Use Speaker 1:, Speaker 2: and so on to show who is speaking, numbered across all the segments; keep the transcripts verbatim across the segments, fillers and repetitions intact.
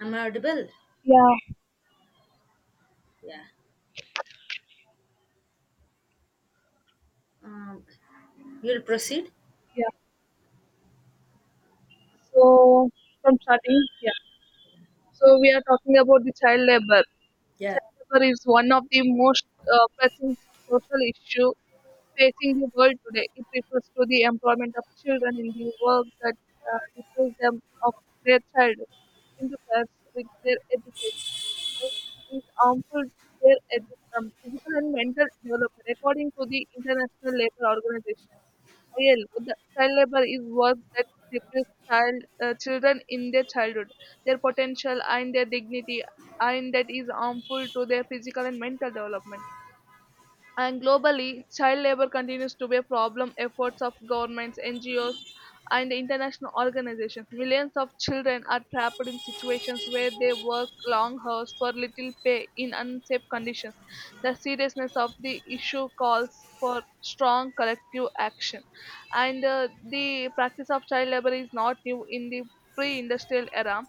Speaker 1: Am I audible?
Speaker 2: Yeah,
Speaker 1: Yeah. Um, you'll proceed.
Speaker 2: yeah. So from starting, yeah. So we are talking about the child labor.
Speaker 1: Yeah.
Speaker 2: Child labor is one of the most uh, pressing social issue facing the world today. It refers to the employment of children in the work that uh, deprives them of their child interferes with their education. And It is harmful to their edu- um, physical and mental development, according to the International Labor Organization. Real, the child labor is work that deprives child uh, children in their childhood, their potential, and their dignity, and that is harmful to their physical and mental development. And globally, child labor continues to be a problem. Efforts of governments, N G Os, and international organizations. Millions of children are trapped in situations where they work long hours for little pay in unsafe conditions. The seriousness of the issue calls for strong collective action. And uh, The practice of child labor is not new in the pre industrial era.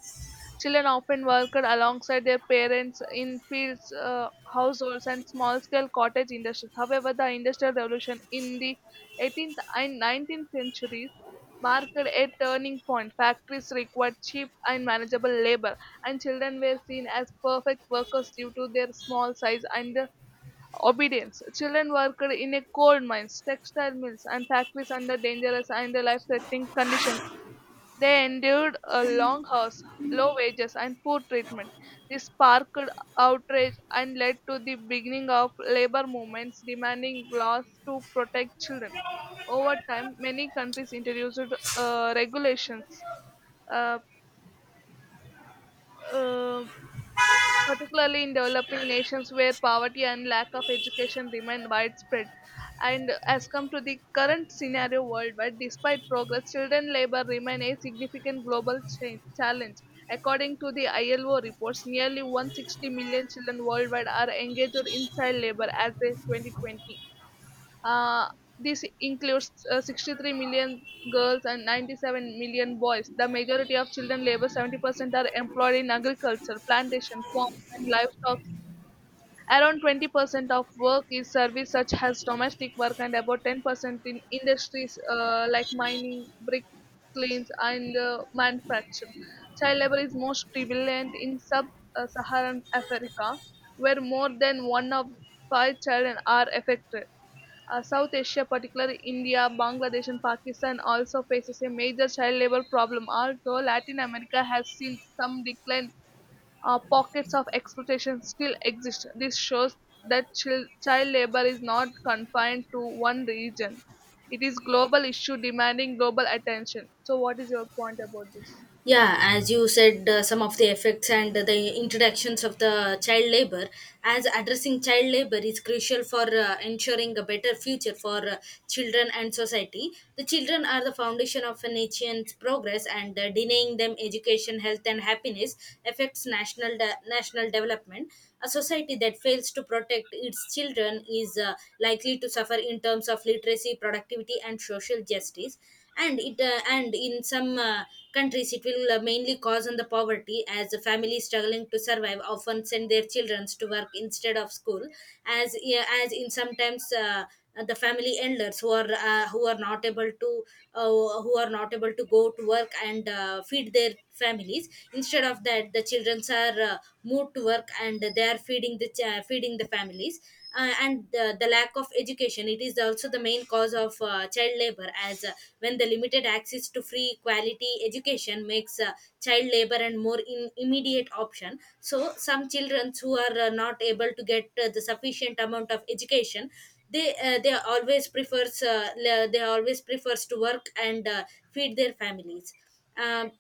Speaker 2: Children often worked alongside their parents in fields, uh, households, and small-scale cottage industries. However, the Industrial Revolution in the eighteenth and nineteenth centuries marked a turning point. Factories required cheap and manageable labor, and children were seen as perfect workers due to their small size and their obedience. Children worked in a coal mines, textile mills, and factories under dangerous and life-threatening conditions. They endured a long house, low wages, and poor treatment. This sparked outrage and led to the beginning of labor movements demanding laws to protect children. Over time, many countries introduced uh, regulations uh, uh, particularly in developing nations where poverty and lack of education remain widespread. And as come to the current scenario worldwide, despite progress, children labor remain a significant global cha- challenge. According to the I L O reports, nearly one hundred sixty million children worldwide are engaged in child labor as of twenty twenty. Uh, this includes uh, sixty-three million girls and ninety-seven million boys. The majority of children labor seventy percent are employed in agriculture, plantation, farms, and livestock. Around twenty percent of work is service such as domestic work and about ten percent in industries uh, like mining, brick plains and uh, manufacturing. Child labor is most prevalent in sub-Saharan Africa, where more than one of five children are affected. Uh, South Asia, particularly India, Bangladesh, and Pakistan, also faces a major child labor problem. Although Latin America has seen some decline, uh, pockets of exploitation still exist. This shows that chil- child labor is not confined to one region. It is global issue demanding global attention. So, what is your point about this?
Speaker 1: Yeah, as you said, uh, some of the effects and the introductions of the child labor. As addressing child labor is crucial for uh, ensuring a better future for uh, children and society, the children are the foundation of a nation's progress, and uh, denying them education, health, and happiness affects national de- national development. A society that fails to protect its children is uh, likely to suffer in terms of literacy, productivity, and social justice. And it uh, and in some uh, countries, it will uh, mainly cause on the poverty, as the families struggling to survive often send their children to work instead of school. As, yeah, as in sometimes, uh, the family elders who are uh, who are not able to uh, who are not able to go to work and uh, feed their families, instead of that the children are uh, moved to work and they are feeding the ch- uh, feeding, affecting the families. Uh, and the, the lack of education, it is also the main cause of uh, child labor, as uh, when the limited access to free quality education makes uh, child labor and more in immediate option. So some children who are uh, not able to get uh, the sufficient amount of education, they uh, they always prefers uh, le- they always prefers to work and uh, feed their families. um,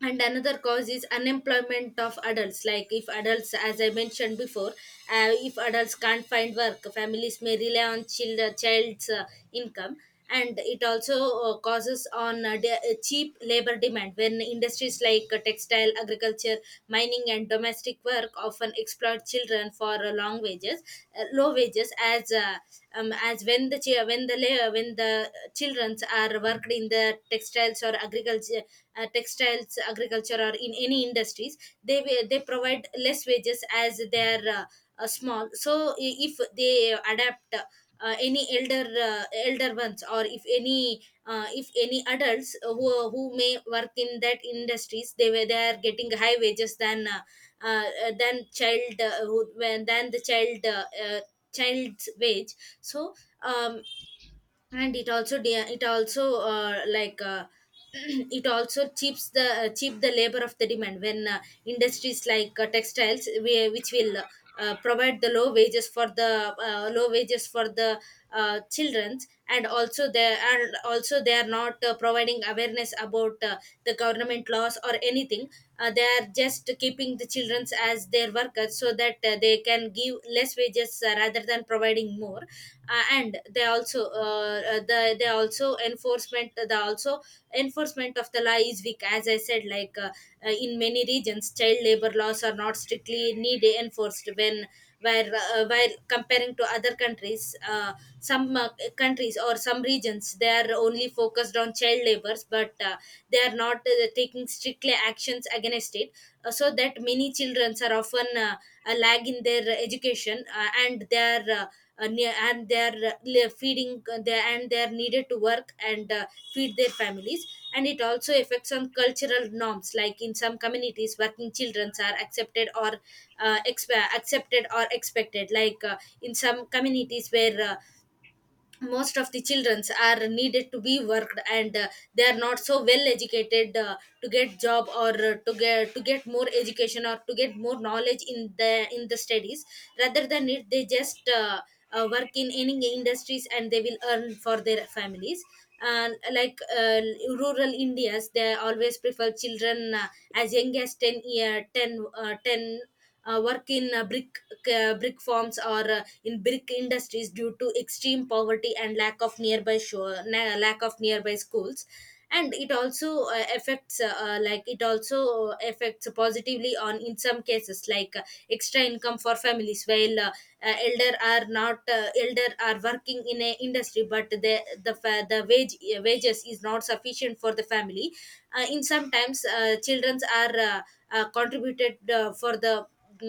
Speaker 1: and another cause is unemployment of adults, like if adults, as I mentioned before, uh, if adults can't find work, families may rely on child, uh, child's uh, income. And it also uh, causes on uh, de- uh, cheap labor demand, when industries like uh, textile, agriculture, mining, and domestic work often exploit children for uh, long wages, uh, low wages, as uh, um, as when the chi- when the la- when the children are worked in the textiles or agriculture, uh, textiles, agriculture, or in any industries, they wi- they provide less wages as they are uh, uh, small. So i- if they adapt. Uh, uh, any elder, uh, elder ones, or if any uh, if any adults who, who may work in that industries, they were they are getting high wages than uh, uh, uh, than child, uh, who, when than the child, uh, uh, child's wage. So, um, and it also de- it also uh, like uh, it also cheaps the uh, cheap the labor of the demand when uh, industries like uh, textiles, we, which will uh, provide the low wages for the uh, low wages for the uh, childrens, and also they are, also they are not uh, providing awareness about uh, the government laws or anything. Uh, they are just keeping the childrens as their workers, so that that uh, they can give less wages uh, rather than providing more. Uh, and they also uh, uh, the they also enforcement the also enforcement of the law is weak. As I said, like uh, uh, in many regions, child labor laws are not strictly need enforced. When where uh, While comparing to other countries, uh, some uh, countries or some regions, they are only focused on child labors, but uh, they are not uh, taking strictly actions against it, uh, so that many children are often uh, a lag in their education, uh, and they are uh, uh, ne- and they're uh, feeding uh, they and they're needed to work and uh, feed their families. And it also affects on cultural norms, like in some communities, working children are accepted or uh, exp- accepted or expected. Like uh, in some communities where uh, most of the childrens are needed to be worked, and uh, they are not so well educated uh, to get job, or uh, to get to get more education or to get more knowledge in the in the studies. Rather than it, they just uh, uh, work in any industries and they will earn for their families. And like uh, rural indias, they always prefer children uh, as young as ten year 10 uh, 10 uh, work in uh, brick uh, brick farms or uh, in brick industries, due to extreme poverty and lack of nearby shore, na- lack of nearby schools. And it also uh, affects uh, uh, like it also affects positively on in some cases, like uh, extra income for families while uh, uh, elder are not uh, elder are working in a industry, but the the fa- the wage, uh, wages is not sufficient for the family. Uh, in some sometimes, uh, childrens are uh, uh, contributed uh, for the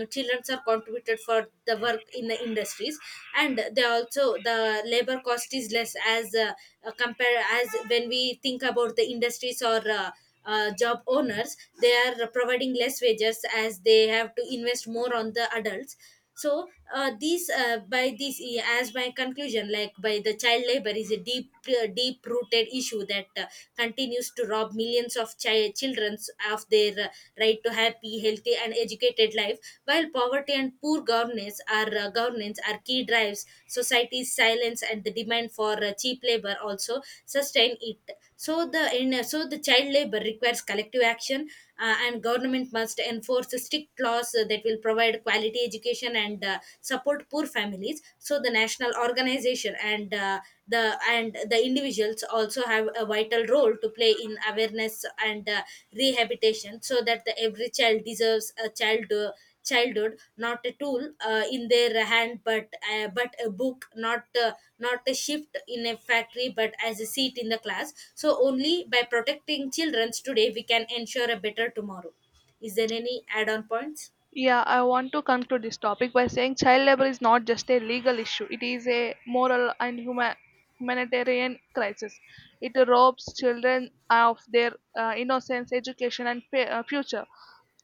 Speaker 1: childrens are contributed for the work in the industries. And they also the labor cost is less, as uh, uh, compare, as when we think about the industries or uh, uh, job owners, they are providing less wages as they have to invest more on the adults. So, uh, these uh, by this uh, as my conclusion, like, by the child labor is a deep uh, deep rooted issue that uh, continues to rob millions of chi- children of their uh, right to happy, healthy, and educated life. While poverty and poor governance are uh, governance are key drives, society's silence and the demand for uh, cheap labor also sustain it. So the in, uh, so the child labor requires collective action, uh, and government must enforce strict laws uh, that will provide provide quality education and uh, support poor families. So the national organization and uh, the and the individuals also have a vital role to play in awareness and uh, rehabilitation, so that the every child deserves a child uh, childhood, not a tool uh, in their hand, but uh, but a book, not uh, not a shift in a factory, but as a seat in the class. So only by protecting children today we can ensure a better tomorrow. Is there any add on points?
Speaker 2: Yeah, I want to conclude this topic by saying child labor is not just a legal issue, it is a moral and huma- humanitarian crisis. It robs children of their uh, innocence, education, and fa- uh, future.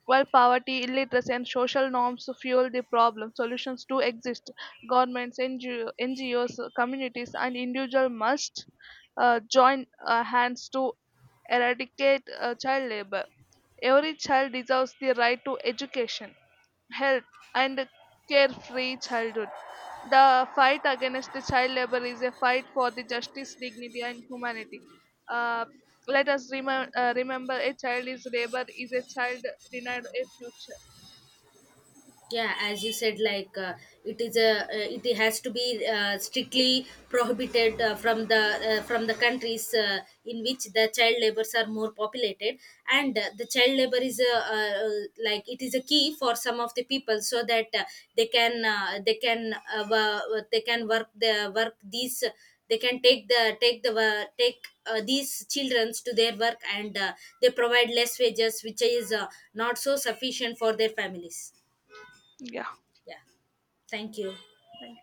Speaker 2: While poverty, illiteracy, and social norms fuel the problem, solutions do exist. Governments, N G O, N G Os, communities, and individuals must uh, join uh, hands to eradicate uh, child labor. Every child deserves the right to education health, and a carefree childhood. The fight against the child labor is a fight for the justice, dignity, and humanity. Uh, let us remem- uh, remember a child is labor is a child denied a future.
Speaker 1: Yeah, as you said, like uh, it is a, uh, it has to be uh, strictly prohibited uh, from the uh, from the countries uh, in which the child labors are more populated. And uh, the child labor is a, uh, uh, like it is a key for some of the people, so that uh, they can uh, they can uh, wo- they can work the work these, they can take the take the wo- take uh, these children to their work, and uh, they provide less wages, which is uh, not so sufficient for their families.
Speaker 2: Yeah.
Speaker 1: Yeah. Thank you.
Speaker 2: Thank